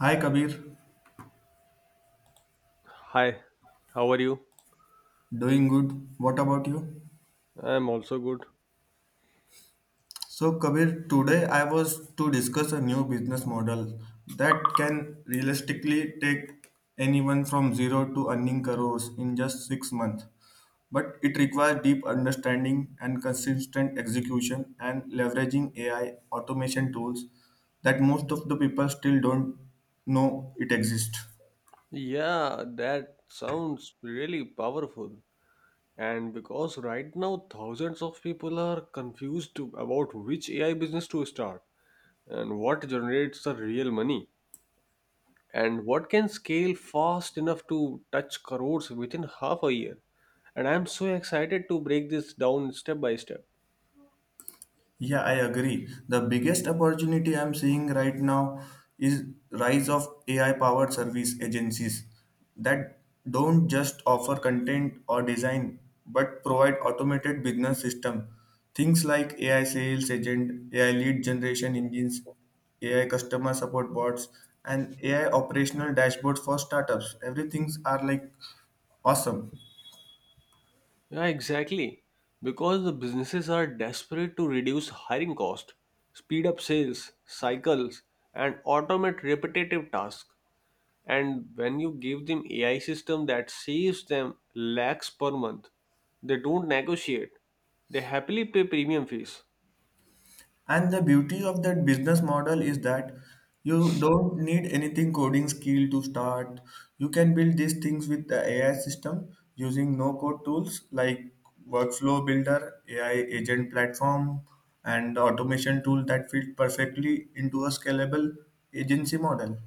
Hi Kabir, Hi, how are you? doing good. What about you? I'm also good. So Kabir, today I was to discuss a new business model that can realistically take anyone from zero to earning crores in just 6 months. But it requires deep understanding and consistent execution and leveraging AI automation tools that most of the people still don't know it exists. Yeah, that sounds really powerful. And because right now thousands of people are confused about which AI business to start and what generates the real money and what can scale fast enough to touch crores within half a year. And I'm so excited to break this down step by step. Yeah, I agree. The biggest opportunity I'm seeing right now is rise of AI powered service agencies that don't just offer content or design but provide automated business system. Things like AI sales agent, AI lead generation engines, AI customer support bots, and AI operational dashboards for startups. Everything's are like awesome. Yeah, exactly. Because the businesses are desperate to reduce hiring cost, speed up sales cycles, and automate repetitive tasks. And when you give them AI system that saves them lakhs per month, they don't negotiate. They happily pay premium fees. And the beauty of that business model is that you don't need anything coding skill to start. You can build these things with the AI system using no code tools like Workflow Builder, AI agent platform, and automation tool that fit perfectly into a scalable agency model.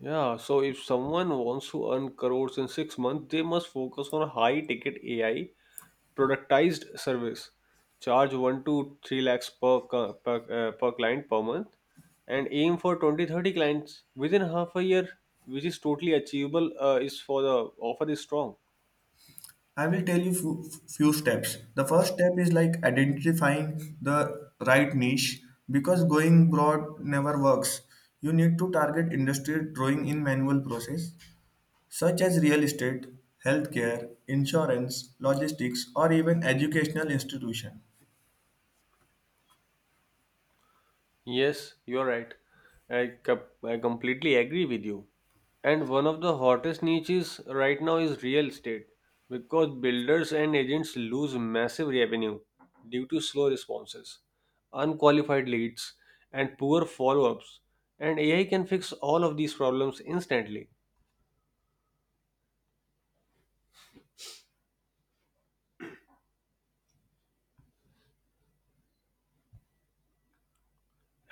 Yeah, so if someone wants to earn crores in 6 months, they must focus on high ticket AI productized service charge 1 to 3 lakhs per client per month and aim for 20-30 clients within half a year, which is totally achievable is for the offer is strong. I will tell you few steps. The first step is like identifying the right niche because going broad never works. You need to target industry drawing in manual process such as real estate, healthcare, insurance, logistics or even educational institution. Yes, you're right. I completely agree with you. And one of the hottest niches right now is real estate because builders and agents lose massive revenue due to slow responses, unqualified leads, and poor follow ups. And AI can fix all of these problems instantly.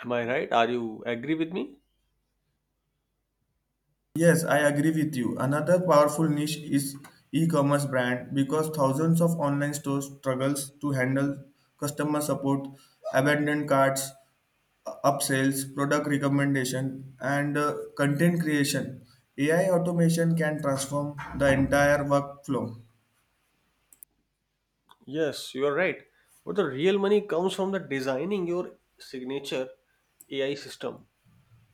Am I right? Are you agree with me? Yes, I agree with you. Another powerful niche is e-commerce brand because thousands of online stores struggles to handle customer support, abandoned carts upsells, product recommendation, and content creation. AI automation can transform the entire workflow. Yes, you are right. But the real money comes from the designing your signature AI system,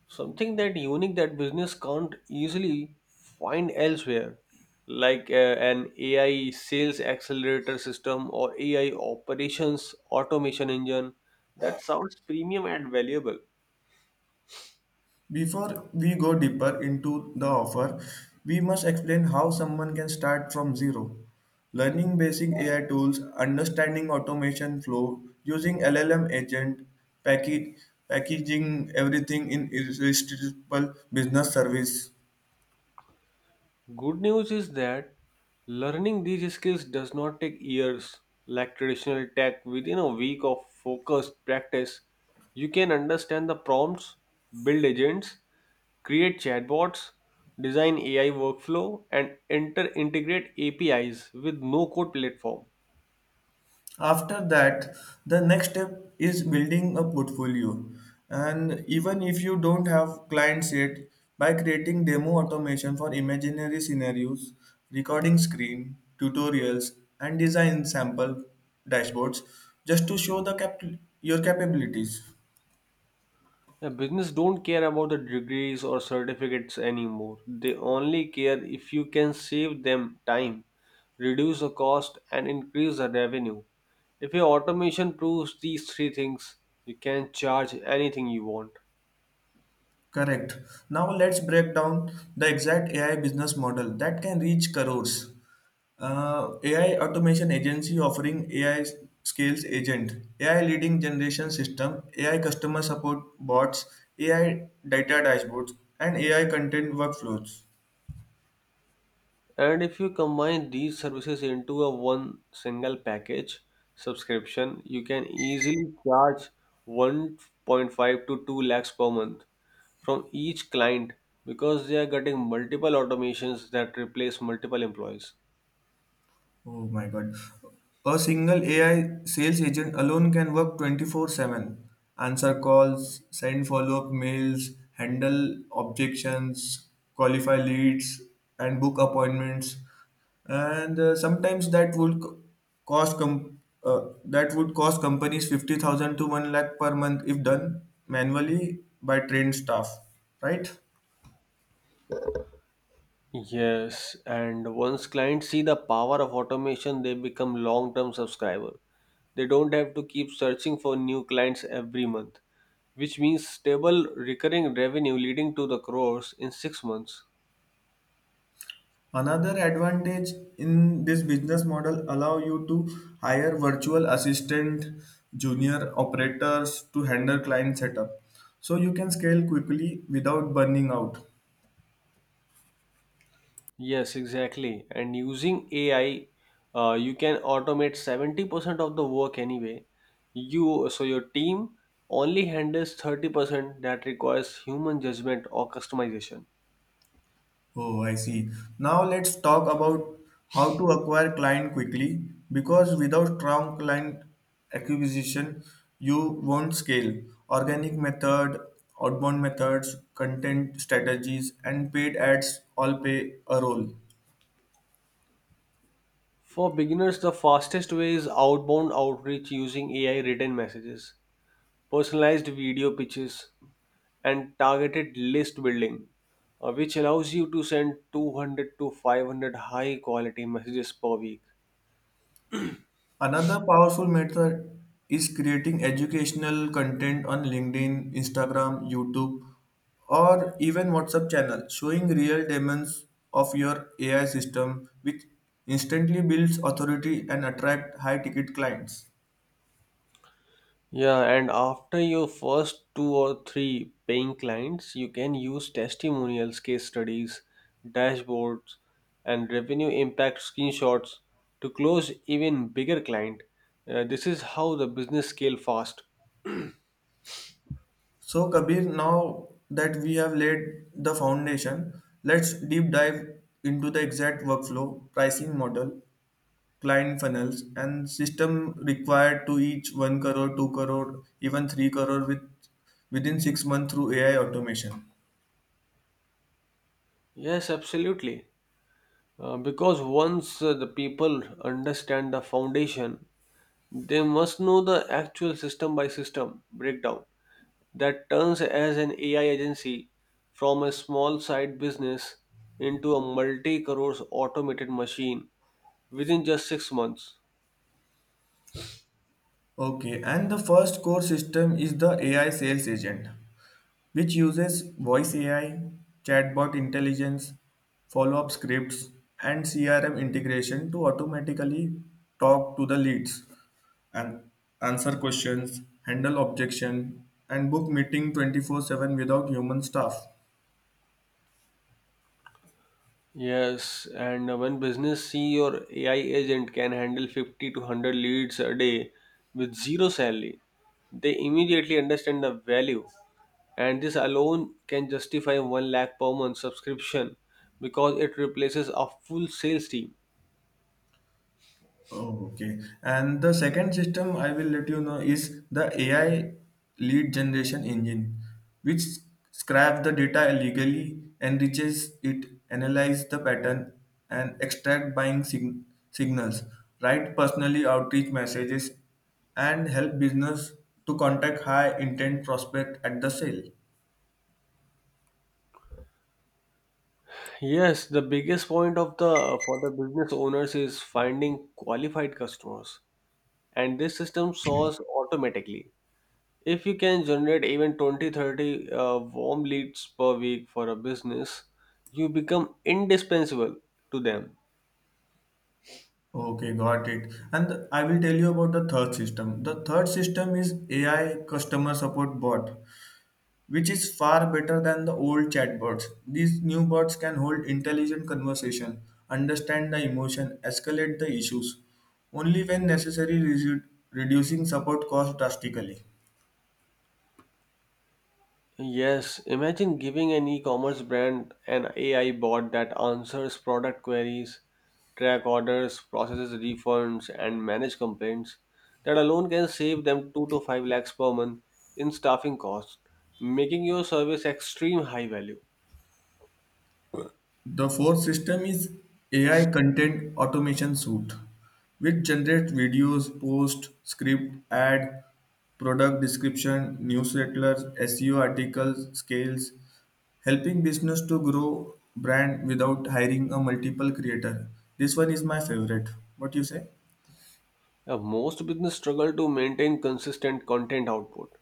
something that unique that business can't easily find elsewhere, like an AI sales accelerator system or AI operations automation engine that sounds premium and valuable. Before we go deeper into the offer, we must explain how someone can start from zero. Learning basic AI tools, understanding automation flow, using LLM agent, package, packaging everything in irresistible business service. Good news is that learning these skills does not take years like traditional tech. Within a week of focused practice, you can understand the prompts, build agents, create chatbots, design AI workflow, and enter integrate APIs with no code platform. After that, the next step is building a portfolio, and even if you don't have clients yet, by creating demo automation for imaginary scenarios, recording screen tutorials, and design sample dashboards just to show your capabilities. Yeah, business don't care about the degrees or certificates anymore. They only care if you can save them time, reduce the cost, and increase the revenue. If your automation proves these three things, you can charge anything you want. Correct. Now let's break down the exact AI business model that can reach crores. AI automation agency offering AI skills agent, AI leading generation system, AI customer support bots, AI data dashboards, and AI content workflows. And if you combine these services into a one single package subscription, you can easily charge 1.5 to 2 lakhs per month from each client because they are getting multiple automations that replace multiple employees. Oh my God. A single AI sales agent alone can work 24/7, answer calls, send follow-up mails, handle objections, qualify leads, and book appointments. And sometimes cost com- uh, that would cost companies 50,000 to 1 lakh per month if done manually by trained staff, right? Yes, and once clients see the power of automation, they become long-term subscriber. They don't have to keep searching for new clients every month, which means stable recurring revenue leading to the crores in 6 months. Another advantage in this business model allow you to hire virtual assistant, junior operators to handle client setup. So you can scale quickly without burning out. Yes, exactly. And using AI, you can automate 70% of the work anyway. You so your team only handles 30% that requires human judgment or customization. Oh, I see. Now let's talk about how to acquire client quickly because without strong client acquisition, you won't scale. Organic method, outbound methods, content strategies, and paid ads all play a role. For beginners, the fastest way is outbound outreach using AI written messages, personalized video pitches, and targeted list building, which allows you to send 200 to 500 high quality messages per week. Another powerful method is creating educational content on LinkedIn, Instagram, YouTube, or even WhatsApp channel, showing real demos of your AI system, which instantly builds authority and attract high ticket clients. Yeah, and after your first two or three paying clients, you can use testimonials, case studies, dashboards, and revenue impact screenshots to close even bigger client. This is how the business scale fast. So, Kabir, now that we have laid the foundation, let's deep dive into the exact workflow, pricing model, client funnels and system required to each 1 crore 2 crore even 3 crore within 6 months through ai automation. Yes, absolutely. Because once the people understand the foundation, they must know the actual system by system breakdown that turns as an AI agency from a small side business into a multi crores automated machine within just 6 months. Okay, and the first core system is the ai sales agent, which uses voice ai, chatbot intelligence, follow-up scripts, and crm integration to automatically talk to the leads and answer questions, handle objection, and book meeting 24/7 without human staff. Yes, and when business see your AI agent can handle 50 to 100 leads a day with zero salary, they immediately understand the value and this alone can justify 1 lakh per month subscription because it replaces a full sales team. Oh, okay. And the second system I will let you know is the AI lead generation engine, which scraps the data illegally, enriches it, analyze the pattern, and extract signals, write personally outreach messages, and help business to contact high intent prospect at the sale. Yes, the biggest point of the for the business owners is finding qualified customers, and this system solves automatically. If you can generate even 20, 30, 30 warm leads per week for a business, you become indispensable to them. Okay, got it. And I will tell you about the third system. The third system is AI customer support bot, which is far better than the old chatbots. These new bots can hold intelligent conversation, understand the emotion, escalate the issues only when necessary, reducing support costs drastically. Yes, imagine giving an e-commerce brand an AI bot that answers product queries, track orders, processes refunds, and manage complaints. That alone can save them 2 to 5 lakhs per month in staffing costs, making your service extreme high value. The fourth system is AI content automation suite, which generates videos, post, script, ad, product description, newsletters, SEO articles, scales, helping business to grow brand without hiring a multiple creator. This one is my favorite. What you say? Most business struggle to maintain consistent content output.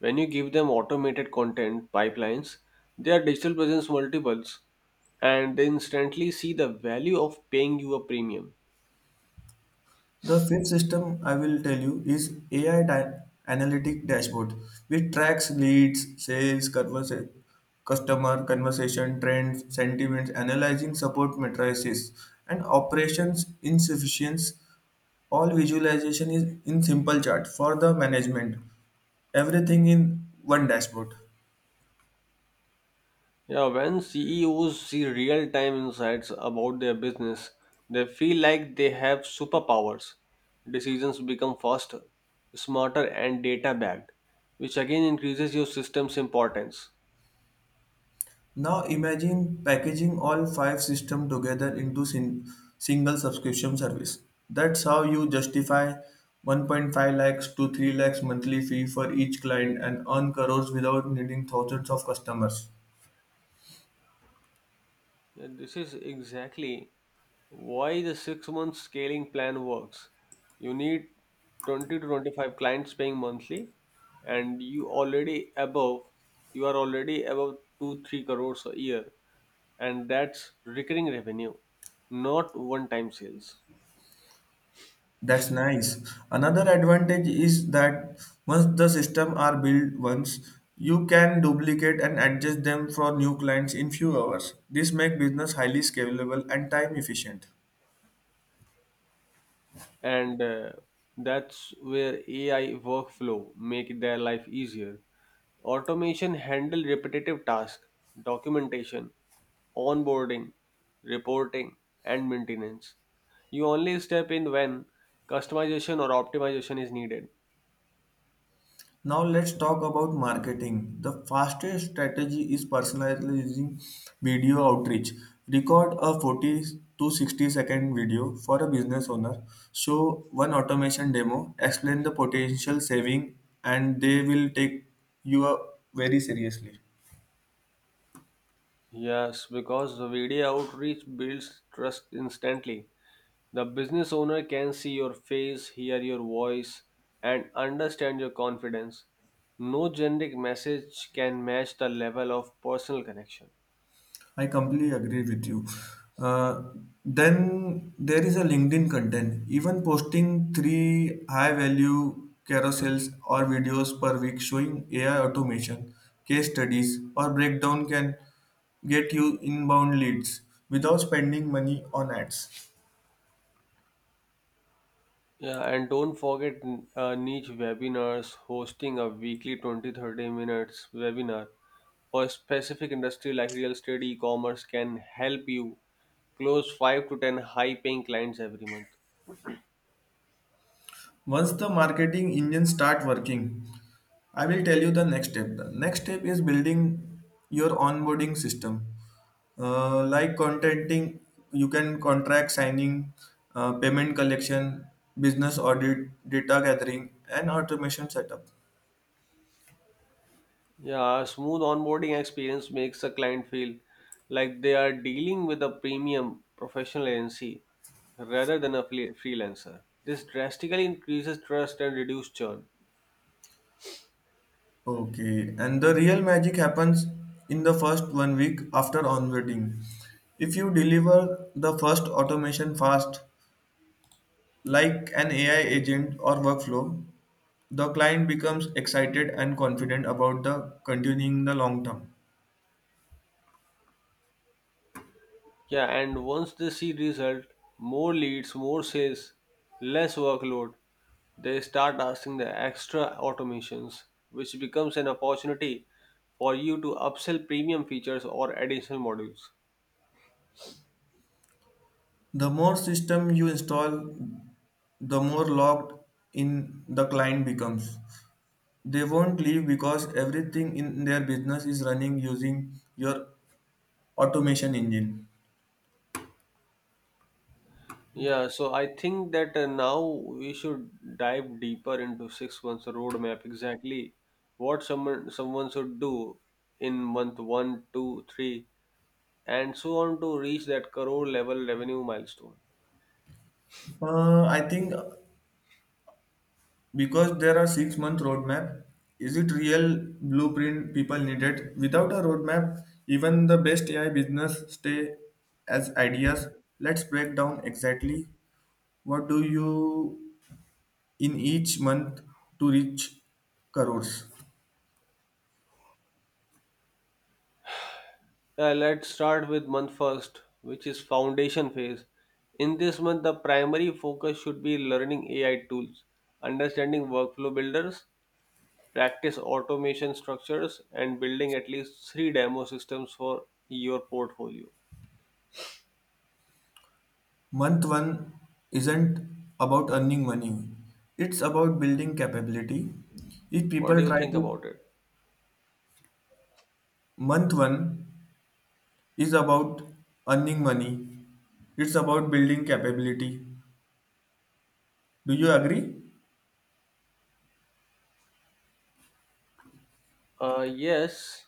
When you give them automated content pipelines, their digital presence multiples and they instantly see the value of paying you a premium. The fifth system I will tell you is AI analytic dashboard, which tracks leads, sales, customer conversation trends, sentiments, analyzing support matrices, and operations insufficiency. All visualization is in simple chart for the management. Everything in one dashboard. Yeah, when CEOs see real time insights about their business, they feel like they have superpowers. Decisions become faster, smarter, and data backed, which again increases your system's importance. Now imagine packaging all five systems together into single subscription service. That's how you justify 1.5 lakhs to 3 lakhs monthly fee for each client and earn crores without needing thousands of customers. Yeah, this is exactly why the 6 month scaling plan works. You need 20 to 25 clients paying monthly, and you are already above 2 3 crores a year, and that's recurring revenue, not one time sales. That's nice. Another advantage is that once the system are built once, you can duplicate and adjust them for new clients in few hours. This makes business highly scalable and time efficient. And that's where AI workflow make their life easier. Automation handle repetitive tasks, documentation, onboarding, reporting, and maintenance. You only step in when customization or optimization is needed. Now let's talk about marketing. The fastest strategy is personalizing video outreach. Record a 40 to 60 second video for a business owner. Show one automation demo, explain the potential saving and they will take you very seriously. Yes, because the video outreach builds trust instantly. The business owner can see your face, hear your voice, and understand your confidence. No generic message can match the level of personal connection. I completely agree with you. Uh, then there is a LinkedIn content. Even posting three high value carousels or videos per week showing AI automation, case studies, or breakdown can get you inbound leads without spending money on ads. Yeah, and don't forget niche webinars, hosting a weekly 20-30 minutes webinar for a specific industry like real estate, e commerce can help you close 5 to 10 high paying clients every month. Once the marketing engine start working, I will tell you the next step. The next step is building your onboarding system. Like contenting, you can contract signing, payment collection, business audit, data gathering, and automation setup. Yeah, a smooth onboarding experience makes a client feel like they are dealing with a premium professional agency rather than a freelancer. This drastically increases trust and reduces churn. Okay, and the real magic happens in the first 1 week after onboarding. If you deliver the first automation fast, like an AI agent or workflow, the client becomes excited and confident about the continuing the long term. Yeah, and once they see result, more leads, more sales, less workload, they start asking the extra automations, which becomes an opportunity for you to upsell premium features or additional modules. The more system you install, the more locked in the client becomes. They won't leave because everything in their business is running using your automation engine. Yeah, so I think that now we should dive deeper into 6 months roadmap exactly what someone should do in month one, two, three, and so on to reach that crore level revenue milestone. I think because there are 6 month roadmap, is it real blueprint people needed? Without a roadmap, even the best AI business stay as ideas. Let's break down exactly what do you in each month to reach crores. Let's start with month first, which is foundation phase. In this month, the primary focus should be learning AI tools, understanding workflow builders, practice automation structures and building at least three demo systems for your portfolio. Month one isn't about earning money. It's about building capability. If What do people you try think to about it? Month one is about earning money. It's about building capability. Do you agree? Yes,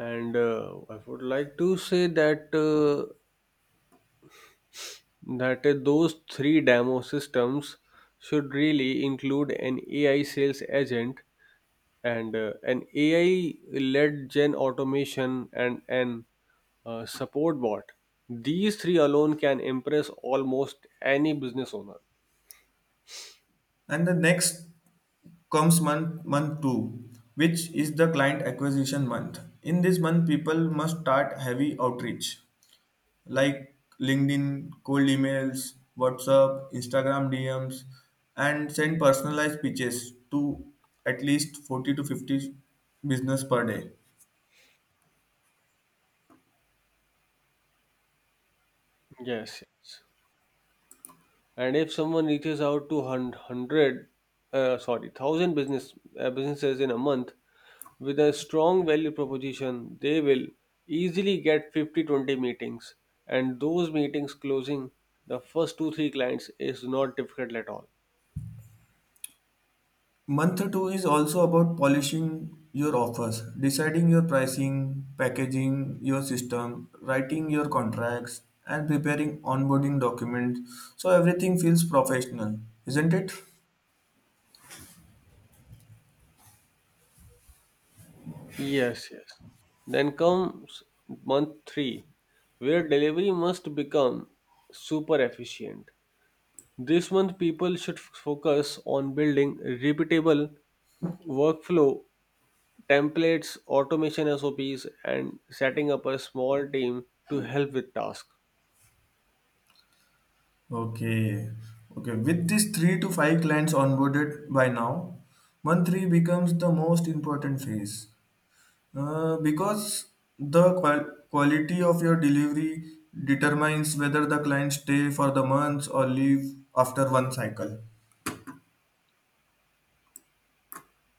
and I would like to say that that those three demo systems should really include an AI sales agent and an AI-led gen automation and an support bot. These three alone can impress almost any business owner. And the next comes month two, which is the client acquisition month. In this month, people must start heavy outreach like LinkedIn, cold emails, WhatsApp, Instagram DMs, and send personalized pitches to at least 40 to 50 business per day. Yes, yes. And if someone reaches out to hundred, sorry, thousand business businesses in a month with a strong value proposition, they will easily get fifty twenty meetings, and those meetings closing the first two three clients is not difficult at all. Month 2 is also about polishing your offers, deciding your pricing, packaging your system, writing your contracts, and preparing onboarding documents so everything feels professional, isn't it? Yes, yes. Then comes month three, where delivery must become super efficient. This month, people should focus on building repeatable workflow templates, automation SOPs, and setting up a small team to help with tasks. Okay. Okay. With these 3 to 5 clients onboarded by now, month three becomes the most important phase. Because the quality of your delivery determines whether the clients stay for the months or leave after one cycle.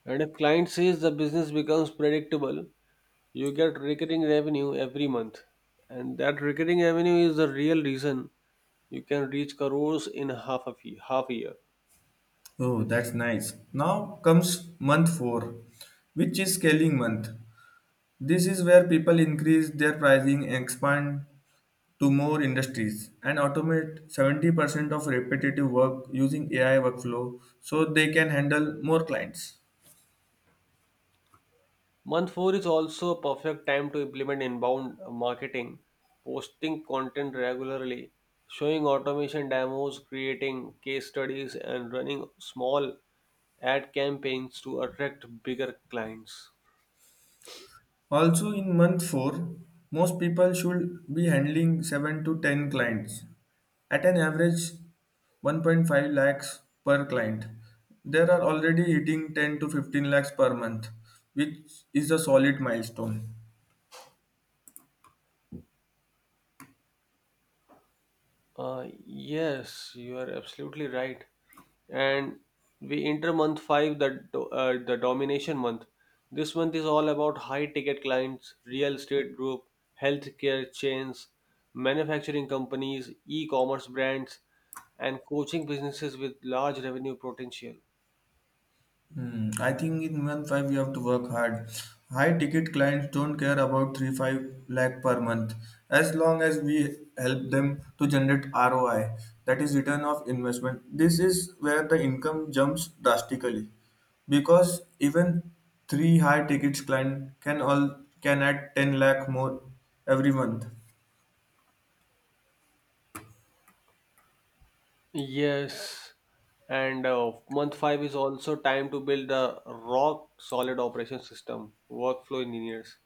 And if client says the business becomes predictable, you get recurring revenue every month. And that recurring revenue is the real reason you can reach crores in half a, half a year. Oh, that's nice. Now comes month four, which is scaling month. This is where people increase their pricing and expand to more industries and automate 70% of repetitive work using AI workflow so they can handle more clients. Month 4 is also a perfect time to implement inbound marketing, posting content regularly, showing automation demos, creating case studies, and running small ad campaigns to attract bigger clients. Also, in month 4, most people should be handling 7 to 10 clients at an average 1.5 lakhs per client. There are already hitting 10 to 15 lakhs per month, which is a solid milestone. Yes, you are absolutely right. And we enter month five, the domination month. This month is all about high ticket clients, real estate group, healthcare chains, manufacturing companies, e-commerce brands, and coaching businesses with large revenue potential. Hmm, I think in month five you have to work hard. High ticket clients don't care about 3 5 lakh per month as long as we help them to generate ROI, that is return of investment. This is where the income jumps drastically because even three high ticket client can add 10 lakh more every month. Yes, and month five is also time to build a rock solid operation system, workflow engineers,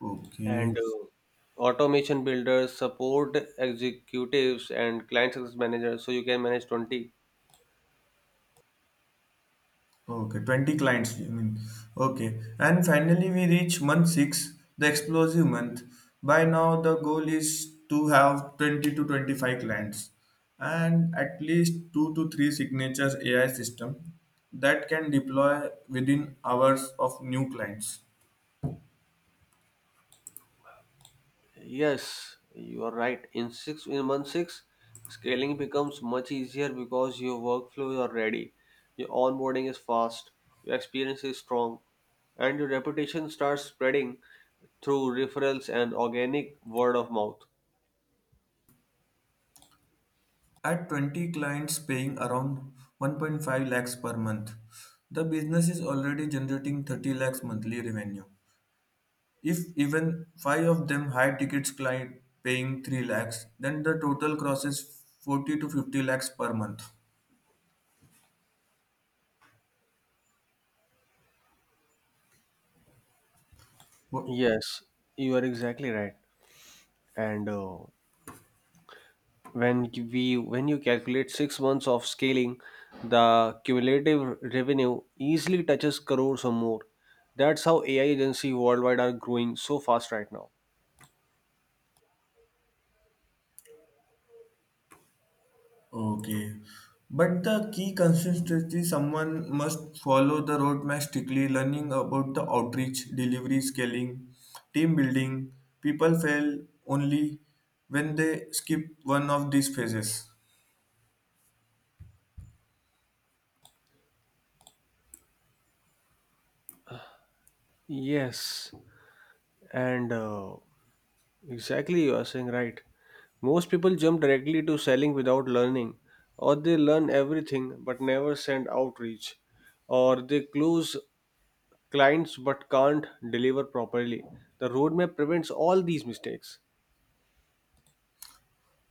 Okay, and automation builders support executives and client success managers so you can manage 20. okay, 20 clients, you mean. Okay. And finally, we reach month six, the explosive month. By now, the goal is to have 20 to 25 clients and at least 2 to 3 signatures AI system that can deploy within hours of new clients. Yes, you are right. In 6, in month 6, scaling becomes much easier because your workflows are ready, your onboarding is fast, your experience is strong, and your reputation starts spreading through referrals and organic word of mouth. At 20 clients paying around 1.5 lakhs per month, the business is already generating 30 lakhs monthly revenue. If even five of them high tickets client paying 3 lakhs, then the total crosses 40 to 50 lakhs per month. Wh- Yes, you are exactly right. And when you calculate 6 months of scaling, the cumulative revenue easily touches crores or more. That's how AI agency worldwide are growing so fast right now. Okay. But the key consistency someone must follow the roadmap strictly, learning about the outreach, delivery, scaling, team building. People fail only when they skip one of these phases. Yes, and exactly you are saying right. Most people jump directly to selling without learning, or they learn everything but never send outreach, or they close clients but can't deliver properly. The roadmap prevents all these mistakes.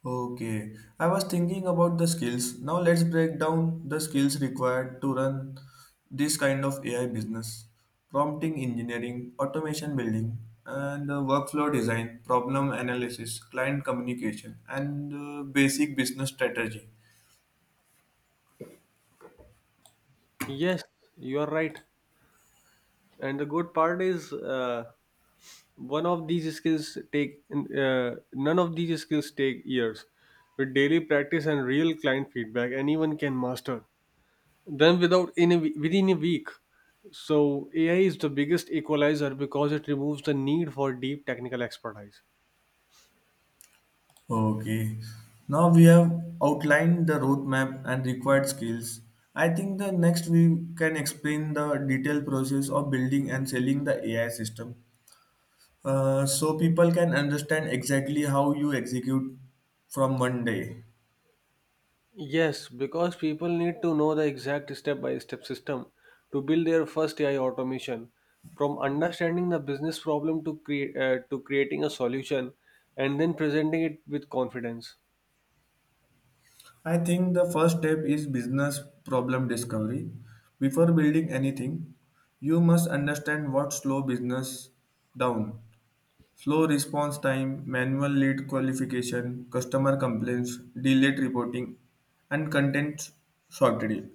Okay, I was thinking about the skills. Now let's break down the skills required to run this kind of AI business. Prompting engineering, automation building, and workflow design, problem analysis, client communication, and basic business strategy. Yes, you are right. And the good part is one of these skills take none of these skills take years. With daily practice and real client feedback, anyone can master them without within a week. So AI is the biggest equalizer because it removes the need for deep technical expertise. Okay. Now we have outlined the roadmap and required skills. I think the next we can explain the detailed process of building and selling the AI system. So people can understand exactly how you execute from 1 day. Yes, because people need to know the exact step by step system to build their first AI automation. From understanding the business problem to create to creating a solution and then presenting it with confidence. I think the first step is business problem discovery. Before building anything, you must understand what slow business down. Slow response time, manual lead qualification, customer complaints, delayed reporting, and content shortage.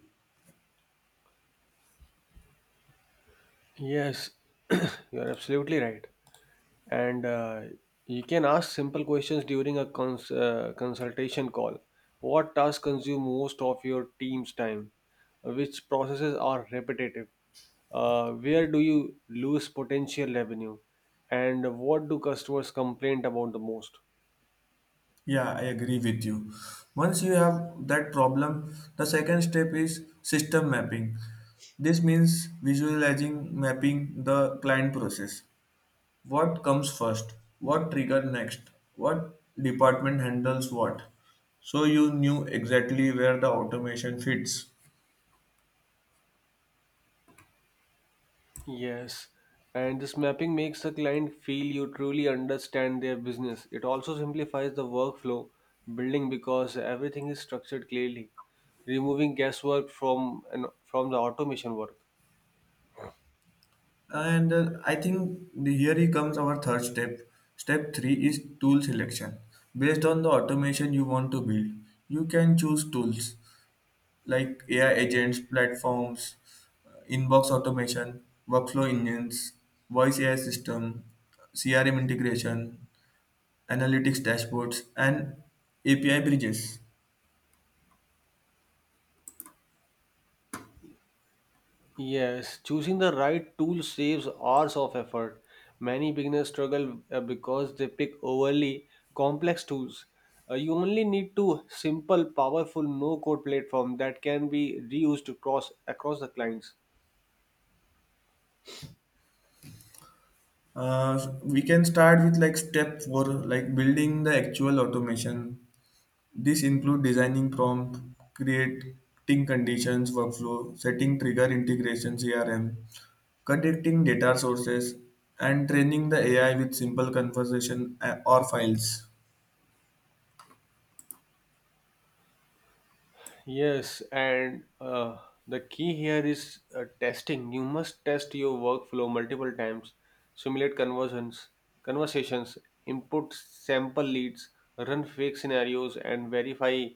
Yes, you are absolutely right. And you can ask simple questions during a consultation call. What tasks consume most of your team's time? Which processes are repetitive? Where do you lose potential revenue? And what do customers complain about the most? Yeah, I agree with you. Once you have that problem, the second step is system mapping. This means visualizing mapping the client process. What comes first? What trigger next? What department handles what? So you knew exactly where the automation fits. Yes, and this mapping makes the client feel you truly understand their business. It also simplifies the workflow building because everything is structured clearly, removing guesswork from from the automation work. And I think the, Here he comes our third step. Step three is tool selection. Based on the automation you want to build, you can choose tools like AI agents, platforms, inbox automation, workflow engines, voice AI system, CRM integration, analytics dashboards, and API bridges. Yes, choosing the right tool saves hours of effort. Many beginners struggle because they pick overly complex tools. You only need to simple, powerful no-code platform that can be reused across the clients. We can start with like step four, like building the actual automation. This includes designing prompt, creating conditions workflow, setting trigger integration CRM, connecting data sources, and training the AI with simple conversation or files. Yes, and the key here is testing. You must test your workflow multiple times, simulate conversations, input sample leads, run fake scenarios, and verify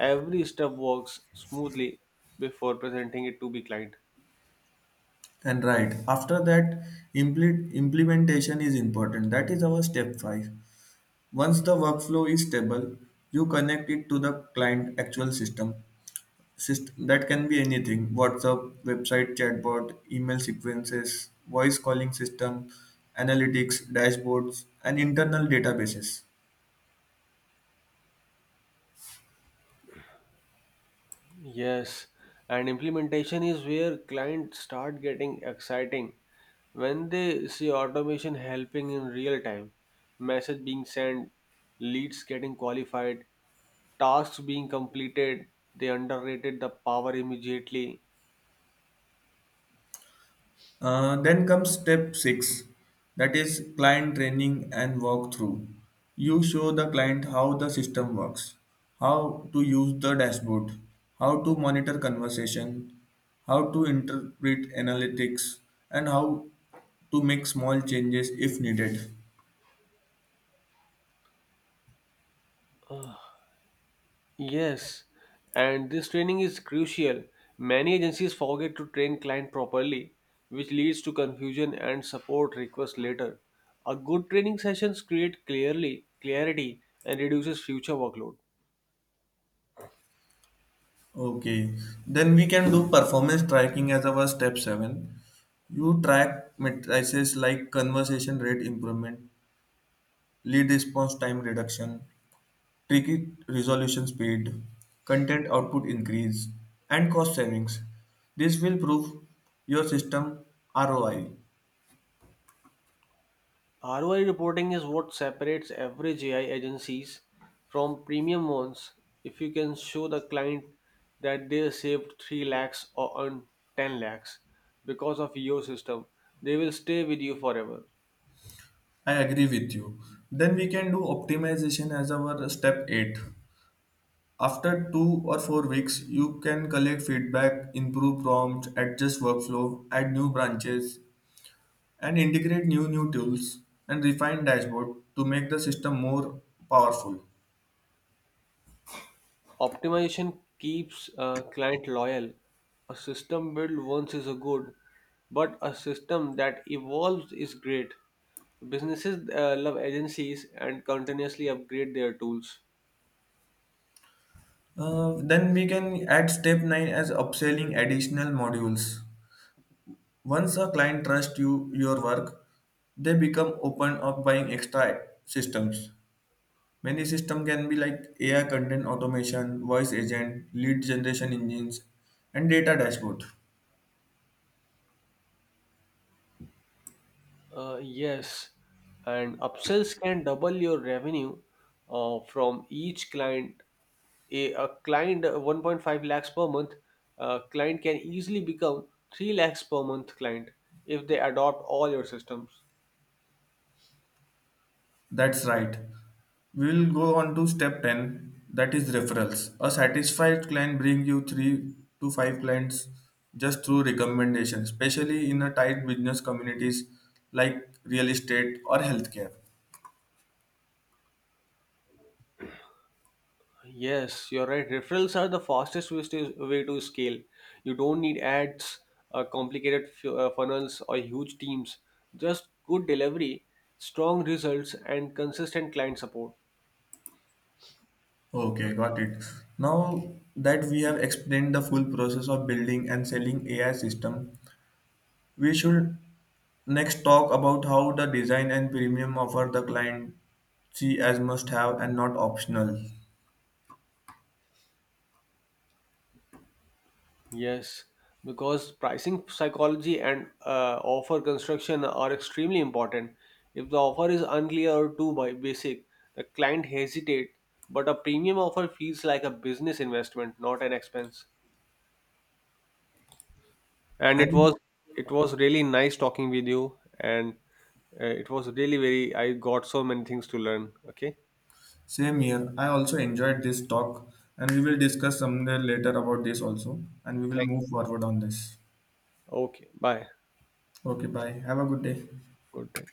every step works smoothly before presenting it to the client. And right after that, implementation is important. That is our step five. Once the workflow is stable, you connect it to the client actual system. That can be anything: whatsapp, website chatbot, email sequences, voice calling system, analytics dashboards, and internal databases. Yes, and implementation is where clients start getting exciting when they see automation helping in real time, message being sent, leads getting qualified, tasks being completed, they underrated the power immediately. Then comes step 6, that is client training and walkthrough. You show the client how the system works, how to use the dashboard, how to monitor conversation, how to interpret analytics, and how to make small changes if needed. Yes, and this training is crucial. Many agencies forget to train client properly, which leads to confusion and support requests later. A good training sessions create clearly clarity and reduces future workload. Okay, then we can do performance tracking as our step 7. You track matrices like conversation rate improvement, lead response time reduction, ticket resolution speed, content output increase, and cost savings. This will prove your system ROI. ROI reporting is what separates average AI agencies from premium ones. If you can show the client that they saved 3 lakhs or earned 10 lakhs because of your system, they will stay with you forever. I agree with you. Then we can do optimization as our step 8. After 2 or 4 weeks, you can collect feedback, improve prompts, adjust workflow, add new branches, and integrate new tools and refine dashboard to make the system more powerful. Optimization keeps a client loyal. A system built once is a good, but a system that evolves is great. Businesses love agencies and continuously upgrade their tools. Then we can add step 9 as upselling additional modules. Once a client trusts you your work, they become open of buying extra systems. Many system can be like AI content automation, voice agent, lead generation engines, and data dashboard. Yes, and upsells can double your revenue from each client. A client 1.5 lakhs per month client can easily become 3 lakhs per month client if they adopt all your systems. That's right. We will go on to step 10, that is referrals. A satisfied client bring you 3 to 5 clients just through recommendation, especially in a tight business communities like real estate or healthcare. Yes, you're right. Referrals are the fastest way to scale. You don't need ads, complicated funnels, or huge teams. Just good delivery, strong results, and consistent client support. Okay, got it. Now that we have explained the full process of building and selling AI system, we should next talk about how the design and premium offer the client see as must have and not optional. Yes, because pricing psychology and offer construction are extremely important. If the offer is unclear or too basic, the client hesitate. But a premium offer feels like a business investment, not an expense. And And it was really nice talking with you, and it was really very I got so many things to learn. Okay, same here. I also enjoyed this talk, and we will discuss somewhere later about this also, and we will thank move forward on this. you. Okay, bye. Okay, bye. Have a good day. Good day.